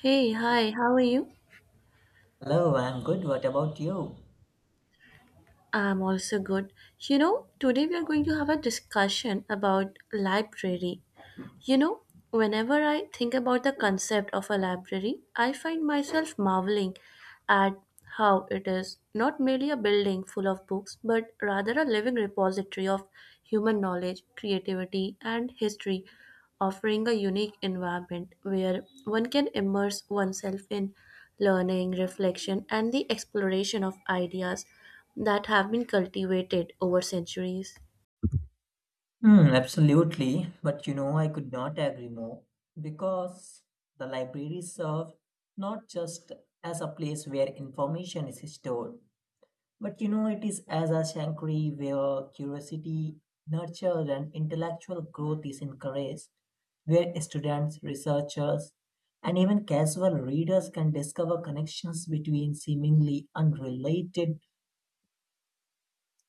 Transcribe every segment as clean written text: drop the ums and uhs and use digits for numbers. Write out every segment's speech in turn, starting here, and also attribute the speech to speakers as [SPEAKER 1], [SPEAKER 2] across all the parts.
[SPEAKER 1] Hey, hi, how are you?
[SPEAKER 2] Hello, I'm good. What about you?
[SPEAKER 1] I'm also good. Today we are going to have a discussion about library. You know, whenever I think about the concept of a library, I find myself marveling at how it is not merely a building full of books, but rather a living repository of human knowledge, creativity, and history, offering a unique environment where one can immerse oneself in learning, reflection, and the exploration of ideas that have been cultivated over centuries.
[SPEAKER 2] Hmm, absolutely. But you know, I could not agree more because the library serves not just as a place where information is stored, but you know, it is as a sanctuary where curiosity, nurture, and intellectual growth is encouraged, where students, researchers, and even casual readers can discover connections between seemingly unrelated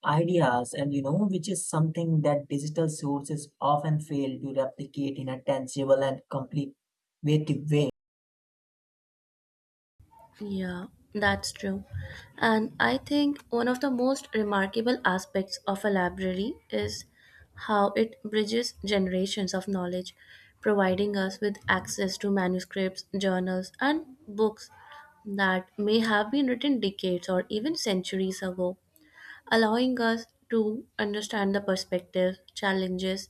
[SPEAKER 2] ideas and you know which is something that digital sources often fail to replicate in a tangible and complete creative way.
[SPEAKER 1] Yeah, that's true. And I think one of the most remarkable aspects of a library is how it bridges generations of knowledge, providing us with access to manuscripts, journals, and books that may have been written decades or even centuries ago, allowing us to understand the perspectives, challenges,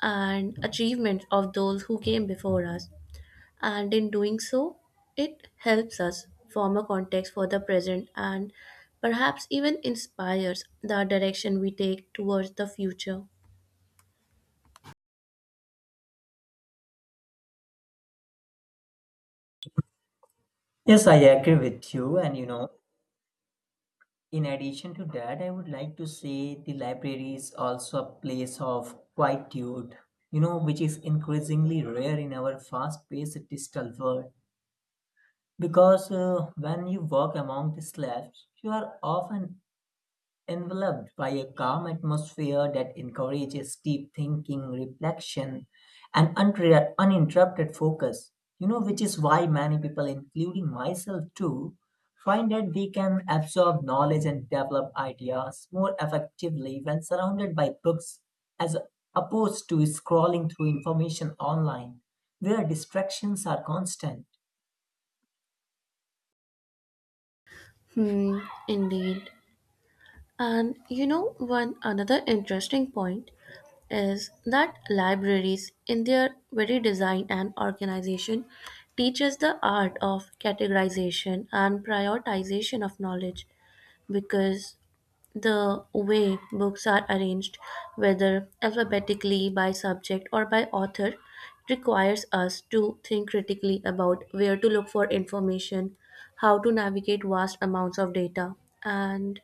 [SPEAKER 1] and achievements of those who came before us, and in doing so, it helps us form a context for the present and perhaps even inspires the direction we take towards the future.
[SPEAKER 2] Yes, I agree with you, and you know, in addition to that, I would like to say the library is also a place of quietude, you know, which is increasingly rare in our fast paced digital world because when you walk among the slabs you are often enveloped by a calm atmosphere that encourages deep thinking, reflection, and uninterrupted focus. You know, which is why many people, including myself too, find that they can absorb knowledge and develop ideas more effectively when surrounded by books as opposed to scrolling through information online where distractions are constant.
[SPEAKER 1] Hmm, indeed. And one another interesting point is that libraries, in their very design and organization, teach us the art of categorization and prioritization of knowledge because the way books are arranged, whether alphabetically by subject or by author, requires us to think critically about where to look for information, how to navigate vast amounts of data, and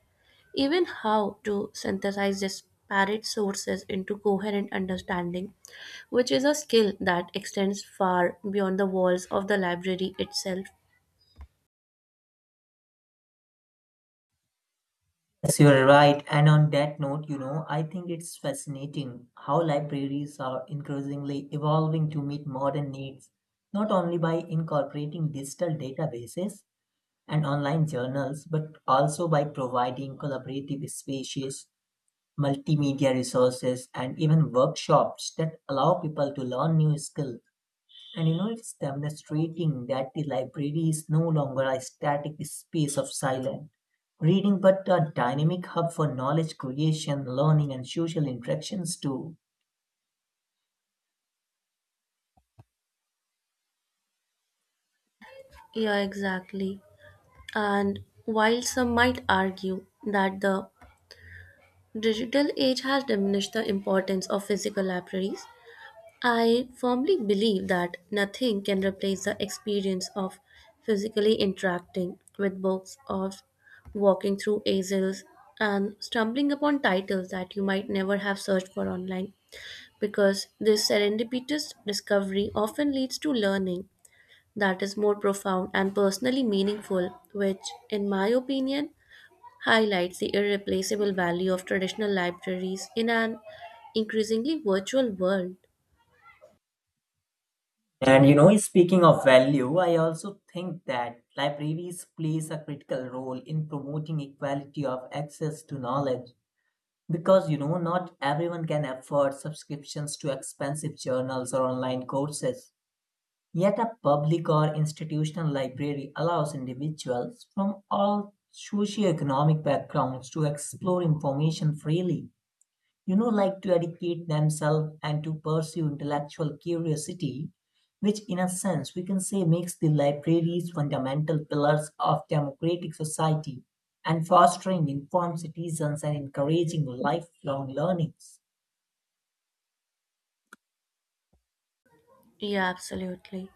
[SPEAKER 1] even how to synthesize disparate sources into coherent understanding, which is a skill that extends far beyond the walls of the library itself.
[SPEAKER 2] Yes, you're right. And on that note, you know, I think it's fascinating how libraries are increasingly evolving to meet modern needs, not only by incorporating digital databases and online journals, but also by providing collaborative spaces, multimedia resources, and even workshops that allow people to learn new skills, and you know, it's demonstrating that the library is no longer a static space of silent reading, but a dynamic hub for knowledge creation, learning, and social interactions too.
[SPEAKER 1] Yeah, exactly. And while some might argue that the digital age has diminished the importance of physical libraries, I firmly believe that nothing can replace the experience of physically interacting with books, of walking through aisles and stumbling upon titles that you might never have searched for online, because this serendipitous discovery often leads to learning that is more profound and personally meaningful, which, in my opinion, highlights the irreplaceable value of traditional libraries in an increasingly virtual world.
[SPEAKER 2] And you know, speaking of value, I also think that libraries plays a critical role in promoting equality of access to knowledge. Because you know, not everyone can afford subscriptions to expensive journals or online courses. Yet a public or institutional library allows individuals from all socioeconomic backgrounds to explore information freely. You know, like to educate themselves and to pursue intellectual curiosity, which, in a sense, we can say makes the libraries fundamental pillars of democratic society and fostering informed citizens and encouraging lifelong learning.
[SPEAKER 1] Yeah, absolutely.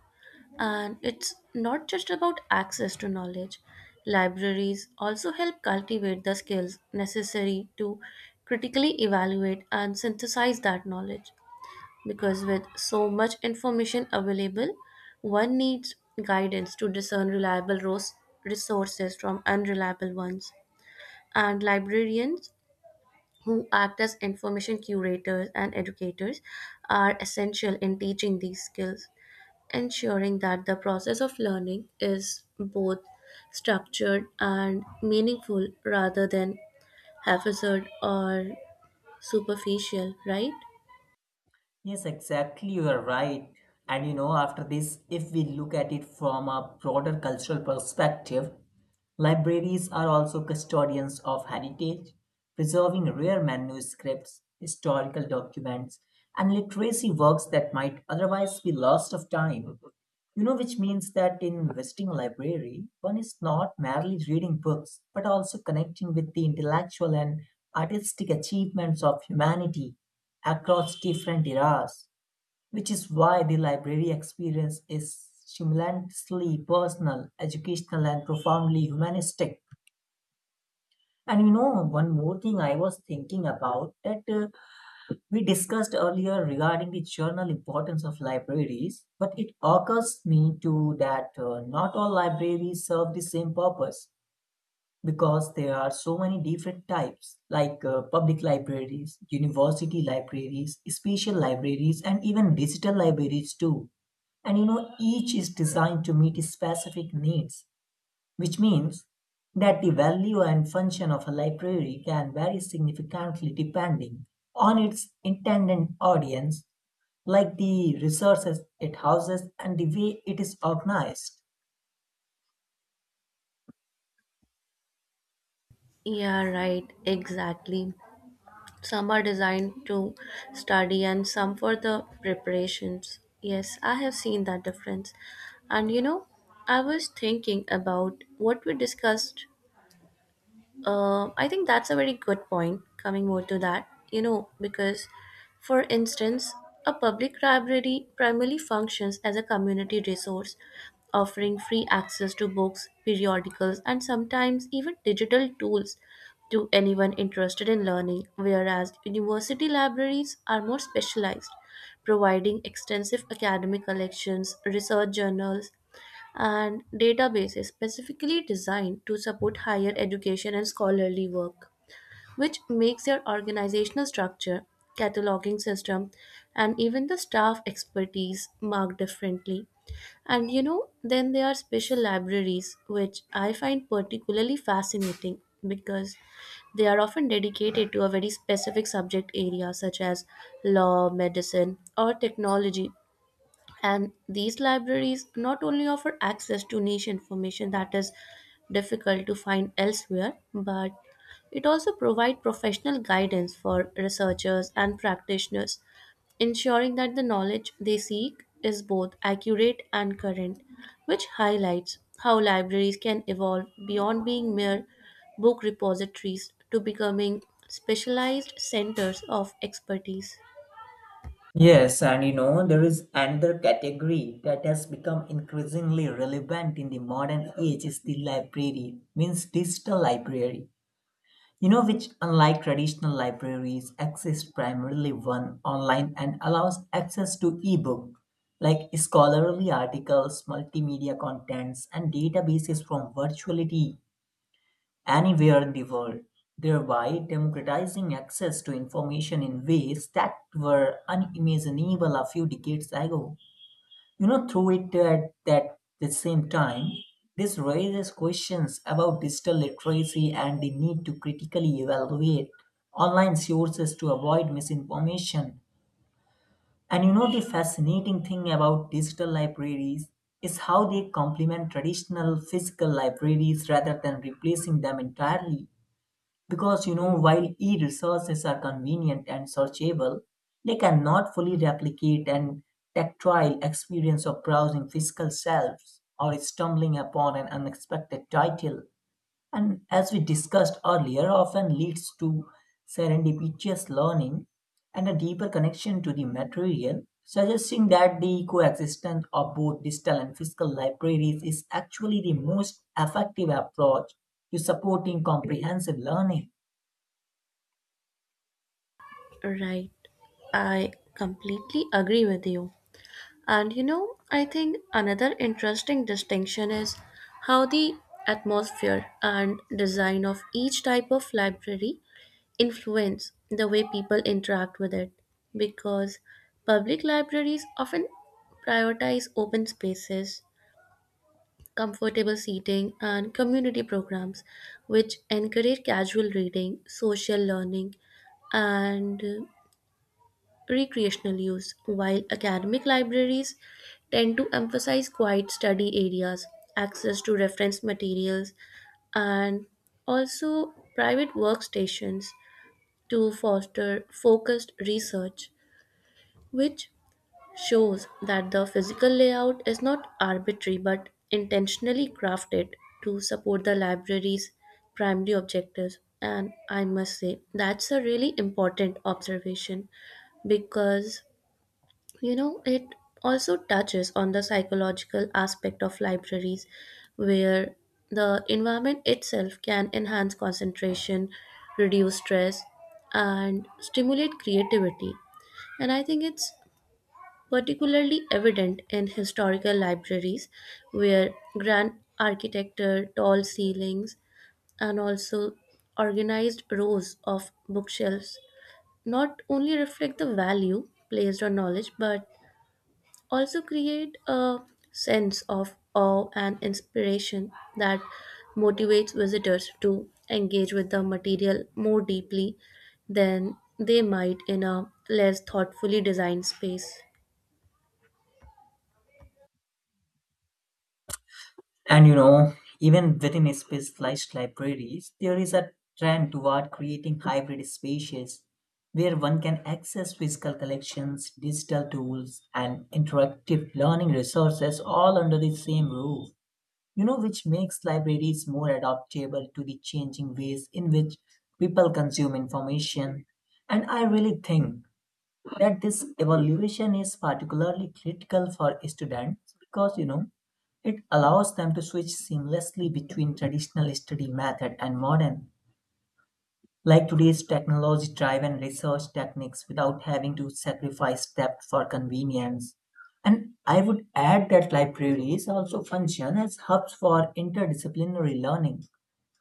[SPEAKER 1] And it's not just about access to knowledge. Libraries also help cultivate the skills necessary to critically evaluate and synthesize that knowledge, because with so much information available, one needs guidance to discern reliable resources from unreliable ones. And librarians, who act as information curators and educators, are essential in teaching these skills, ensuring that the process of learning is both structured and meaningful rather than haphazard or superficial, right?
[SPEAKER 2] Yes, exactly. You are right. And you know, after this, if we look at it from a broader cultural perspective, libraries are also custodians of heritage, preserving rare manuscripts, historical documents, and literacy works that might otherwise be lost of time. You know, which means that in Western library, one is not merely reading books, but also connecting with the intellectual and artistic achievements of humanity across different eras, which is why the library experience is stimulantingly personal, educational, and profoundly humanistic. And you know, one more thing I was thinking about that we discussed earlier regarding the journal importance of libraries, but it occurs me too that not all libraries serve the same purpose because there are so many different types like public libraries, university libraries, special libraries, and even digital libraries too. And you know, each is designed to meet specific needs, which means that the value and function of a library can vary significantly depending on its intended audience, like the resources it houses and the way it is organized.
[SPEAKER 1] Yeah, right, exactly. Some are designed to study and some for the preparations. Yes, I have seen that difference. And I was thinking about what we discussed. I think that's a very good point, coming more to that, because, for instance, a public library primarily functions as a community resource, offering free access to books, periodicals, and sometimes even digital tools to anyone interested in learning, whereas university libraries are more specialized, providing extensive academic collections, research journals, and databases specifically designed to support higher education and scholarly work, which makes their organizational structure, cataloging system, and even the staff expertise marked differently. And then there are special libraries, which I find particularly fascinating because they are often dedicated to a very specific subject area such as law, medicine, or technology, and these libraries not only offer access to niche information that is difficult to find elsewhere, but it also provides professional guidance for researchers and practitioners, ensuring that the knowledge they seek is both accurate and current, which highlights how libraries can evolve beyond being mere book repositories to becoming specialized centers of expertise.
[SPEAKER 2] Yes, and you know, there is another category that has become increasingly relevant in the modern age is the library, means digital library. You know, which, unlike traditional libraries, exists primarily one online and allows access to ebook, like scholarly articles, multimedia contents, and databases from virtually anywhere in the world, thereby democratizing access to information in ways that were unimaginable a few decades ago. You know, through it at that the same time, this raises questions about digital literacy and the need to critically evaluate online sources to avoid misinformation. And you know, the fascinating thing about digital libraries is how they complement traditional physical libraries rather than replacing them entirely. Because you know, while e-resources are convenient and searchable, they cannot fully replicate an tactile experience of browsing physical shelves or stumbling upon an unexpected title. And as we discussed earlier, often leads to serendipitous learning and a deeper connection to the material, suggesting that the coexistence of both digital and physical libraries is actually the most effective approach to supporting comprehensive learning.
[SPEAKER 1] Right. I completely agree with you. And I think another interesting distinction is how the atmosphere and design of each type of library influence the way people interact with it, because public libraries often prioritize open spaces, comfortable seating, and community programs, which encourage casual reading, social learning, and recreational use, while academic libraries tend to emphasize quiet study areas, access to reference materials, and also private workstations to foster focused research, which shows that the physical layout is not arbitrary but intentionally crafted to support the library's primary objectives. And I must say, that's a really important observation, because it also touches on the psychological aspect of libraries, where the environment itself can enhance concentration, reduce stress, and stimulate creativity. And I think it's particularly evident in historical libraries, where grand architecture, tall ceilings, and also organized rows of bookshelves not only reflect the value placed on knowledge but also create a sense of awe and inspiration that motivates visitors to engage with the material more deeply than they might in a less thoughtfully designed space.
[SPEAKER 2] And you know, even within specialized libraries, there is a trend toward creating hybrid spaces where one can access physical collections, digital tools, and interactive learning resources all under the same roof. You know, which makes libraries more adaptable to the changing ways in which people consume information. And I really think that this evaluation is particularly critical for students because you know it allows them to switch seamlessly between traditional study method and modern like today's technology driven research techniques without having to sacrifice depth for convenience. And I would add that libraries also function as hubs for interdisciplinary learning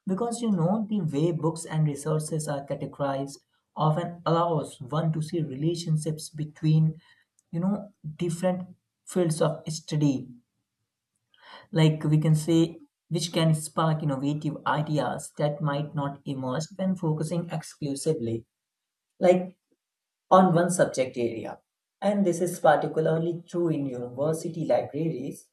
[SPEAKER 2] because you know the way books and resources are categorized often allows one to see relationships between you know different fields of study, like we can say, which can spark innovative ideas that might not emerge when focusing exclusively like on one subject area. And this is particularly true in university libraries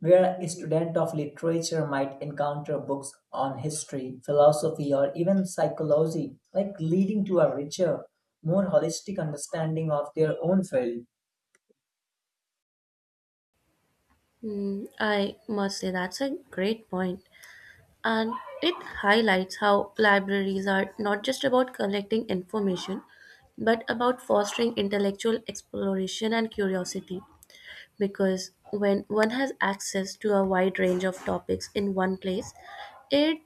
[SPEAKER 2] where a student of literature might encounter books on history, philosophy, or even psychology, like leading to a richer, more holistic understanding of their own field.
[SPEAKER 1] I must say that's a great point. And it highlights how libraries are not just about collecting information, but about fostering intellectual exploration and curiosity, because when one has access to a wide range of topics in one place, it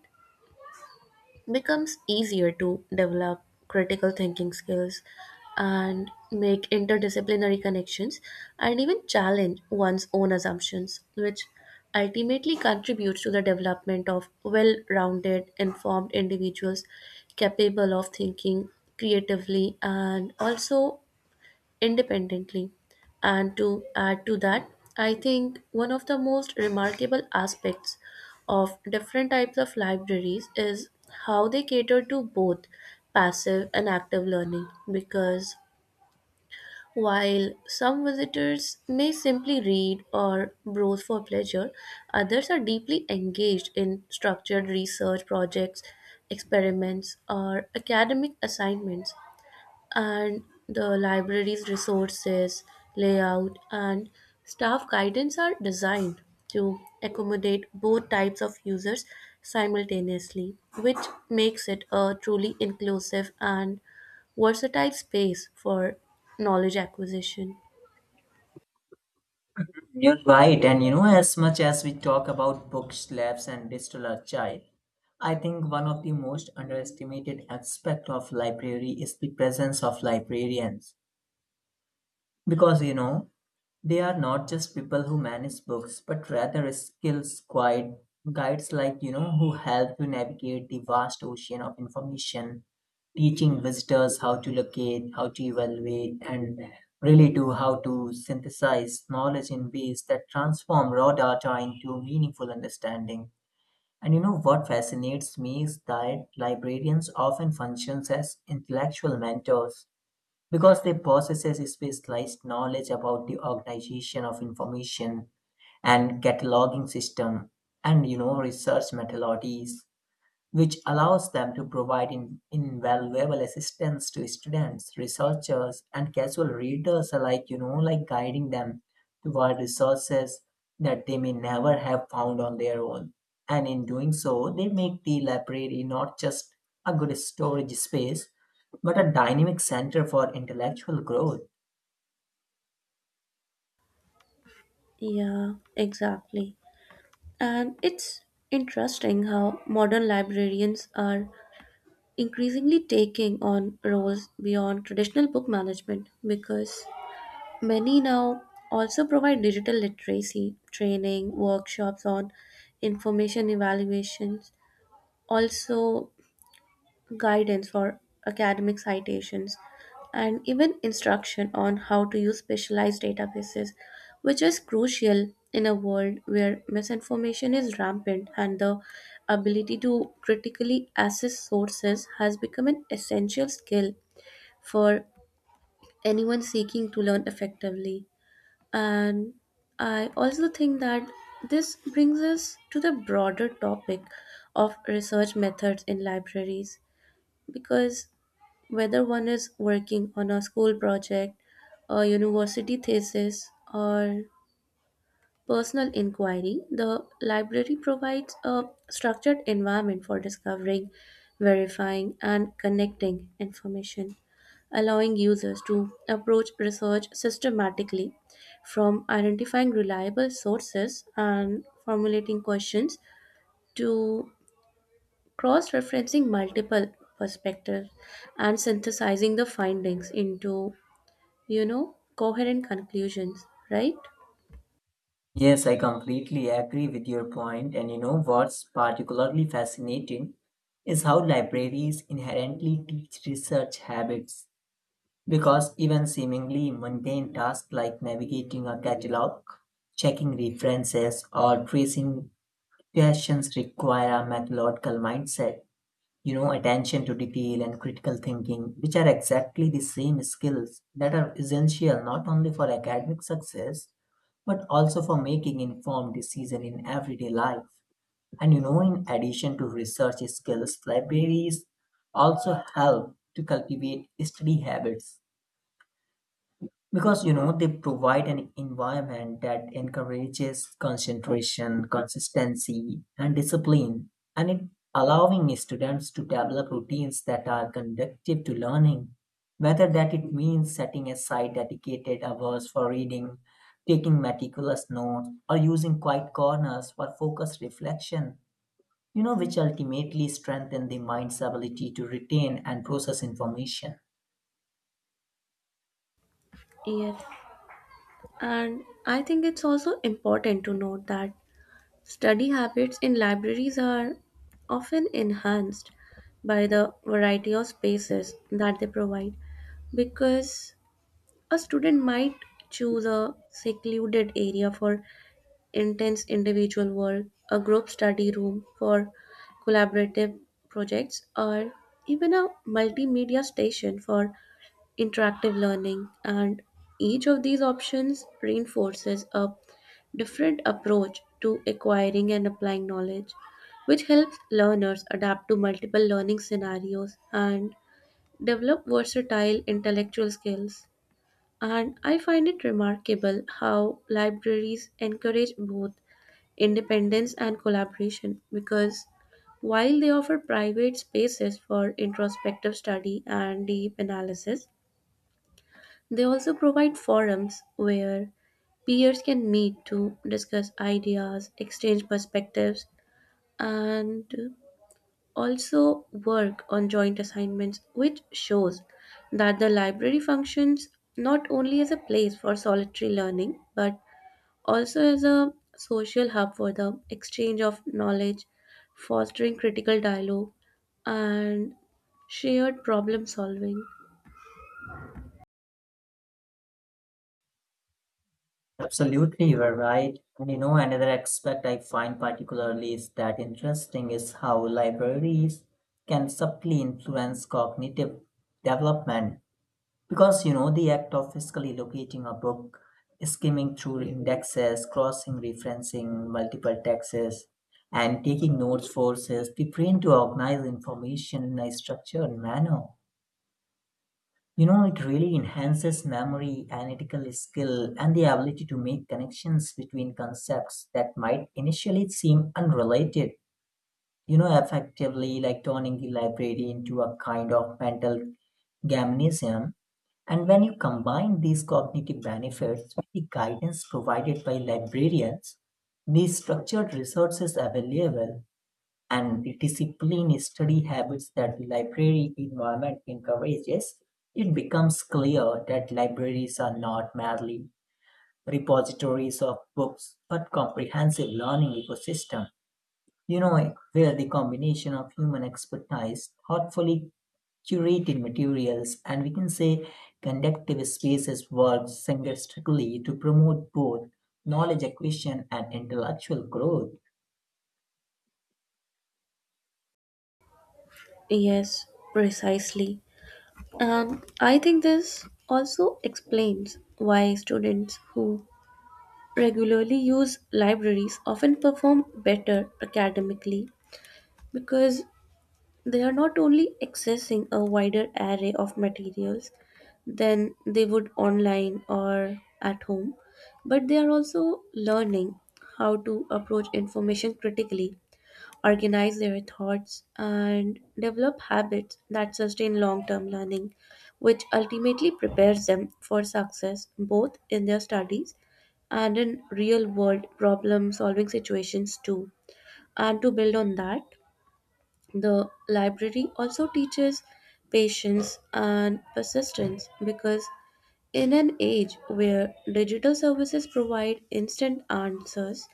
[SPEAKER 1] becomes easier to develop critical thinking skills and make interdisciplinary connections and even challenge one's own assumptions, which ultimately contributes to the development of well rounded, informed individuals capable of thinking creatively and also independently. And to add to that, I think one of the most remarkable aspects of different types of libraries is how they cater to both passive and active learning, because while some visitors may simply read or browse for pleasure, others are deeply engaged in structured research projects, experiments, or academic assignments, and the library's resources, layout, and staff guidance are designed to accommodate both types of users simultaneously, which makes it a truly inclusive and versatile space for knowledge acquisition.
[SPEAKER 2] You're right, and you know, as much as we talk about book slabs and digital archive, I think one of the most underestimated aspect of library is the presence of librarians. Because you know, they are not just people who manage books, but rather guides like you know who help to navigate the vast ocean of information, teaching visitors how to locate, how to evaluate, and really to how to synthesize knowledge in ways that transform raw data into meaningful understanding. And you know what fascinates me is that librarians often functions as intellectual mentors because they possess a specialized knowledge about the organization of information and cataloging system and you know research methodologies which allows them to provide invaluable assistance to students researchers and casual readers alike, you know, like guiding them toward resources that they may never have found on their own, and in doing so they make the library not just a good storage space but a dynamic center for intellectual growth.
[SPEAKER 1] Yeah, exactly. And it's interesting how modern librarians are increasingly taking on roles beyond traditional book management, because many now also provide digital literacy training, workshops on information evaluations, also guidance for academic citations, and even instruction on how to use specialized databases, which is crucial in a world where misinformation is rampant and the ability to critically assess sources has become an essential skill for anyone seeking to learn effectively. And I also think that this brings us to the broader topic of research methods in libraries, because whether one is working on a school project, a university thesis, or personal inquiry, the library provides a structured environment for discovering, verifying, and connecting information, allowing users to approach research systematically from identifying reliable sources and formulating questions to cross referencing multiple perspectives and synthesizing the findings into, coherent conclusions, right?
[SPEAKER 2] Yes, I completely agree with your point, and you know what's particularly fascinating is how libraries inherently teach research habits because even seemingly mundane tasks like navigating a catalog, checking references, or tracing questions require a methodological mindset, you know, attention to detail and critical thinking, which are exactly the same skills that are essential not only for academic success but also for making informed decision in everyday life. And you know, in addition to research skills, libraries also help to cultivate study habits because you know they provide an environment that encourages concentration, consistency, and discipline, and it allowing students to develop routines that are conducive to learning, whether that it means setting aside dedicated hours for reading, taking meticulous notes, or using quiet corners for focused reflection, you know, which ultimately strengthen the mind's ability to retain and process information.
[SPEAKER 1] Yes. And I think it's also important to note that study habits in libraries are often enhanced by the variety of spaces that they provide, because a student might choose a secluded area for intense individual work, a group study room for collaborative projects, or even a multimedia station for interactive learning, and each of these options reinforces a different approach to acquiring and applying knowledge, which helps learners adapt to multiple learning scenarios and develop versatile intellectual skills. And I find it remarkable how libraries encourage both independence and collaboration, because while they offer private spaces for introspective study and deep analysis, they also provide forums where peers can meet to discuss ideas, exchange perspectives, and also work on joint assignments, which shows that the library functions not only as a place for solitary learning but also as a social hub for the exchange of knowledge, fostering critical dialogue, and shared problem solving.
[SPEAKER 2] Absolutely, you are right. And you know, another aspect I find particularly is that interesting is how libraries can subtly influence cognitive development. Because you know, the act of physically locating a book, skimming through indexes, crossing referencing multiple texts, and taking notes forces the brain to organize information in a structured manner, you know, it really enhances memory, analytical skill, and the ability to make connections between concepts that might initially seem unrelated. You know, effectively like turning the library into a kind of mental gymnasium. And when you combine these cognitive benefits with the guidance provided by librarians, the structured resources available, and the disciplined study habits that the library environment encourages, it becomes clear that libraries are not merely repositories of books but comprehensive learning ecosystem. You know, where the combination of human expertise, thoughtfully curated materials, and we can say conductive spaces work synergistically to promote both knowledge acquisition and intellectual growth.
[SPEAKER 1] Yes, precisely. And I think this also explains why students who regularly use libraries often perform better academically, because they are not only accessing a wider array of materials than they would online or at home, but they are also learning how to approach information critically, organize their thoughts, and develop habits that sustain long term learning, which ultimately prepares them for success both in their studies and in real world problem solving situations too. And to build on that, the library also teaches patience and persistence, because in an age where digital services provide instant answers,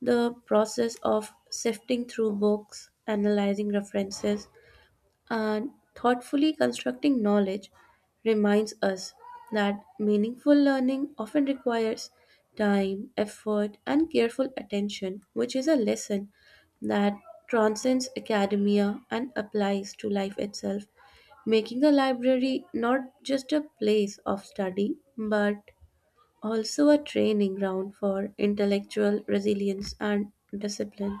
[SPEAKER 1] the process of sifting through books, analyzing references, and thoughtfully constructing knowledge reminds us that meaningful learning often requires time, effort, and careful attention, which is a lesson that transcends academia and applies to life itself, making the library not just a place of study but also a training ground for intellectual resilience and discipline.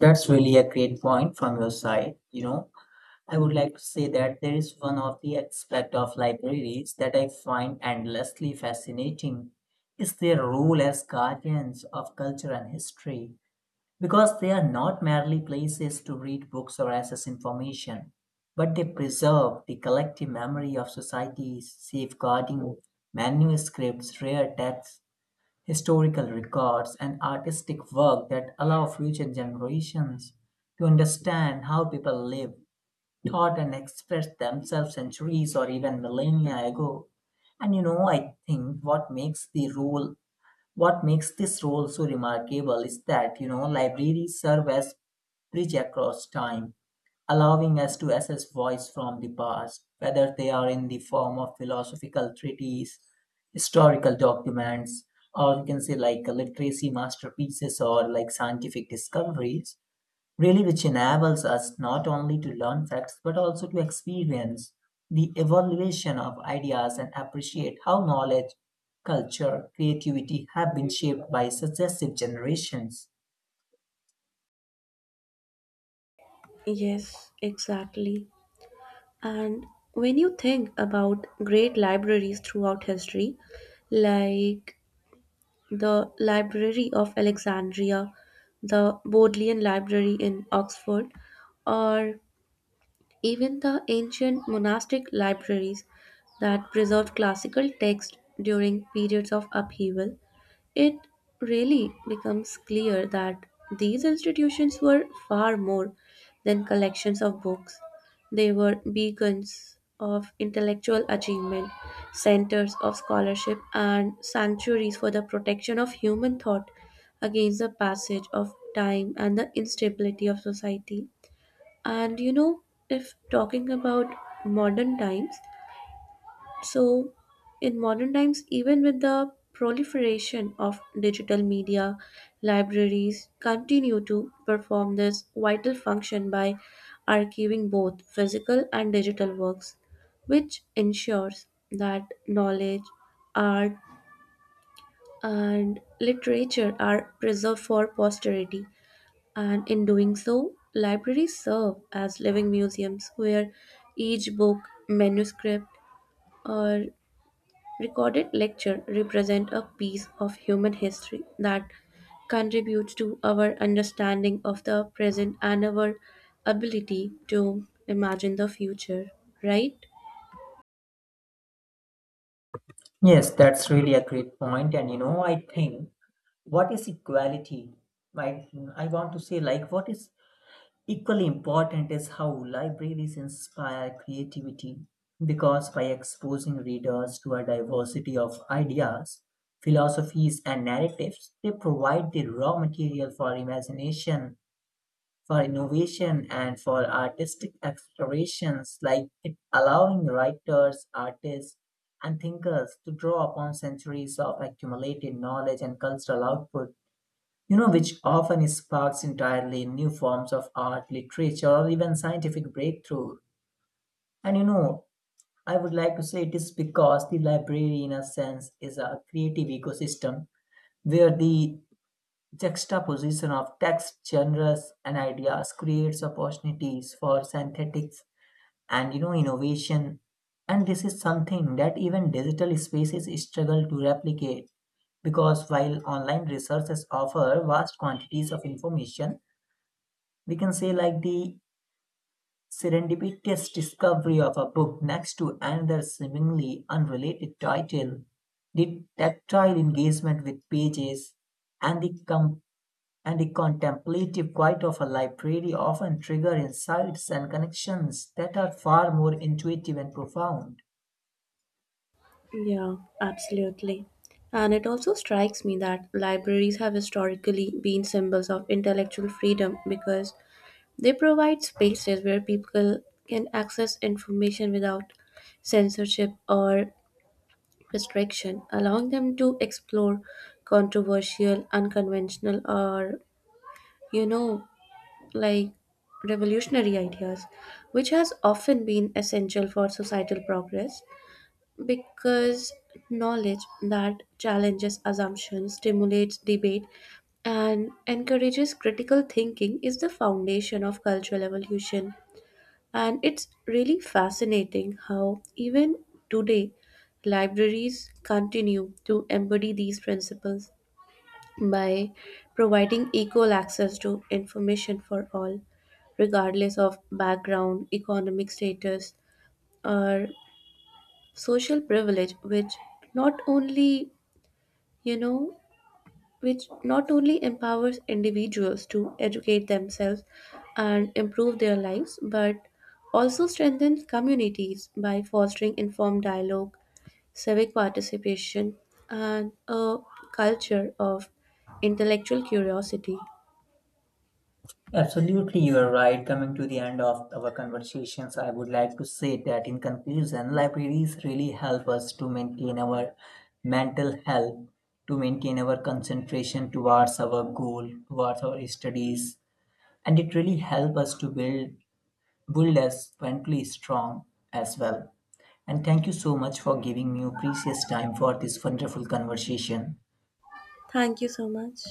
[SPEAKER 2] That's really a great point from your side, you know. I would like to say that there is one of the aspect of libraries that I find endlessly fascinating is their role as guardians of culture and history because they are not merely places to read books or access information but they preserve the collective memory of societies safeguarding manuscripts, rare texts, historical records, and artistic work that allow future generations to understand how people lived, taught, and expressed themselves centuries or even millennia ago. And you know, I think what makes this role so remarkable is that, you know, libraries serve as bridge across time, allowing us to access voice from the past, whether they are in the form of philosophical treatises, historical documents, or you can say like literacy masterpieces or like scientific discoveries, really which enables us not only to learn facts but also to experience the evaluation of ideas and appreciate how knowledge, culture, creativity have been shaped by successive generations.
[SPEAKER 1] Yes, exactly. And when you think about great libraries throughout history, like the Library of Alexandria, the Bodleian Library in Oxford, or even the ancient monastic libraries that preserved classical texts during periods of upheaval, it really becomes clear that these institutions were far more than collections of books. They were beacons of intellectual achievement, centers of scholarship, and sanctuaries for the protection of human thought against the passage of time and the instability of society. And if talking about modern times, so in modern times, even with the proliferation of digital media, libraries continue to perform this vital function by archiving both physical and digital works, which ensures that knowledge, art, and literature are preserved for posterity, and in doing so, libraries serve as living museums where each book, manuscript, or recorded lecture represent a piece of human history that contributes to our understanding of the present and our ability to imagine the future, right?
[SPEAKER 2] Yes, that's really a great point. And you know, what is equality i I want to say, like, what is equally important is how libraries inspire creativity because by exposing readers to a diversity of ideas, philosophies, and narratives, they provide the raw material for imagination, for innovation, and for artistic explorations, like it allowing writers, artists, and thinkers to draw upon centuries of accumulated knowledge and cultural output, you know, which often sparks entirely new forms of art, literature, or even scientific breakthrough. And you know, I would like to say it is because the library, in a sense, is a creative ecosystem where the juxtaposition of text, genres, and ideas creates opportunities for synthetics and you know innovation. And this is something that even digital spaces struggle to replicate because while online resources offer vast quantities of information, we can say like the serendipitous discovery of a book next to another seemingly unrelated title, the tactile engagement with pages, and and the contemplative quiet of a library often trigger insights and connections that are far more intuitive and profound.
[SPEAKER 1] Yeah, absolutely. And it also strikes me that libraries have historically been symbols of intellectual freedom, because they provide spaces where people can access information without censorship or restriction, allowing them to explore controversial, unconventional, or, you know, like revolutionary ideas, which has often been essential for societal progress, because knowledge that challenges assumptions, stimulates debate, and encourages critical thinking is the foundation of cultural evolution, and it's really fascinating how, even today, libraries continue to embody these principles by providing equal access to information for all, regardless of background, economic status, or social privilege, not only, you know, which not only empowers individuals to educate themselves and improve their lives, but also strengthens communities by fostering informed dialogue, civic participation, and a culture of intellectual curiosity.
[SPEAKER 2] Absolutely, you are right. Coming to the end of our conversations, I would like to say that in conclusion, libraries really help us to maintain our mental health, to maintain our concentration towards our goal, towards our studies, and it really helps us to build us mentally strong as well. And thank you so much for giving me your precious time for this wonderful conversation.
[SPEAKER 1] Thank you so much.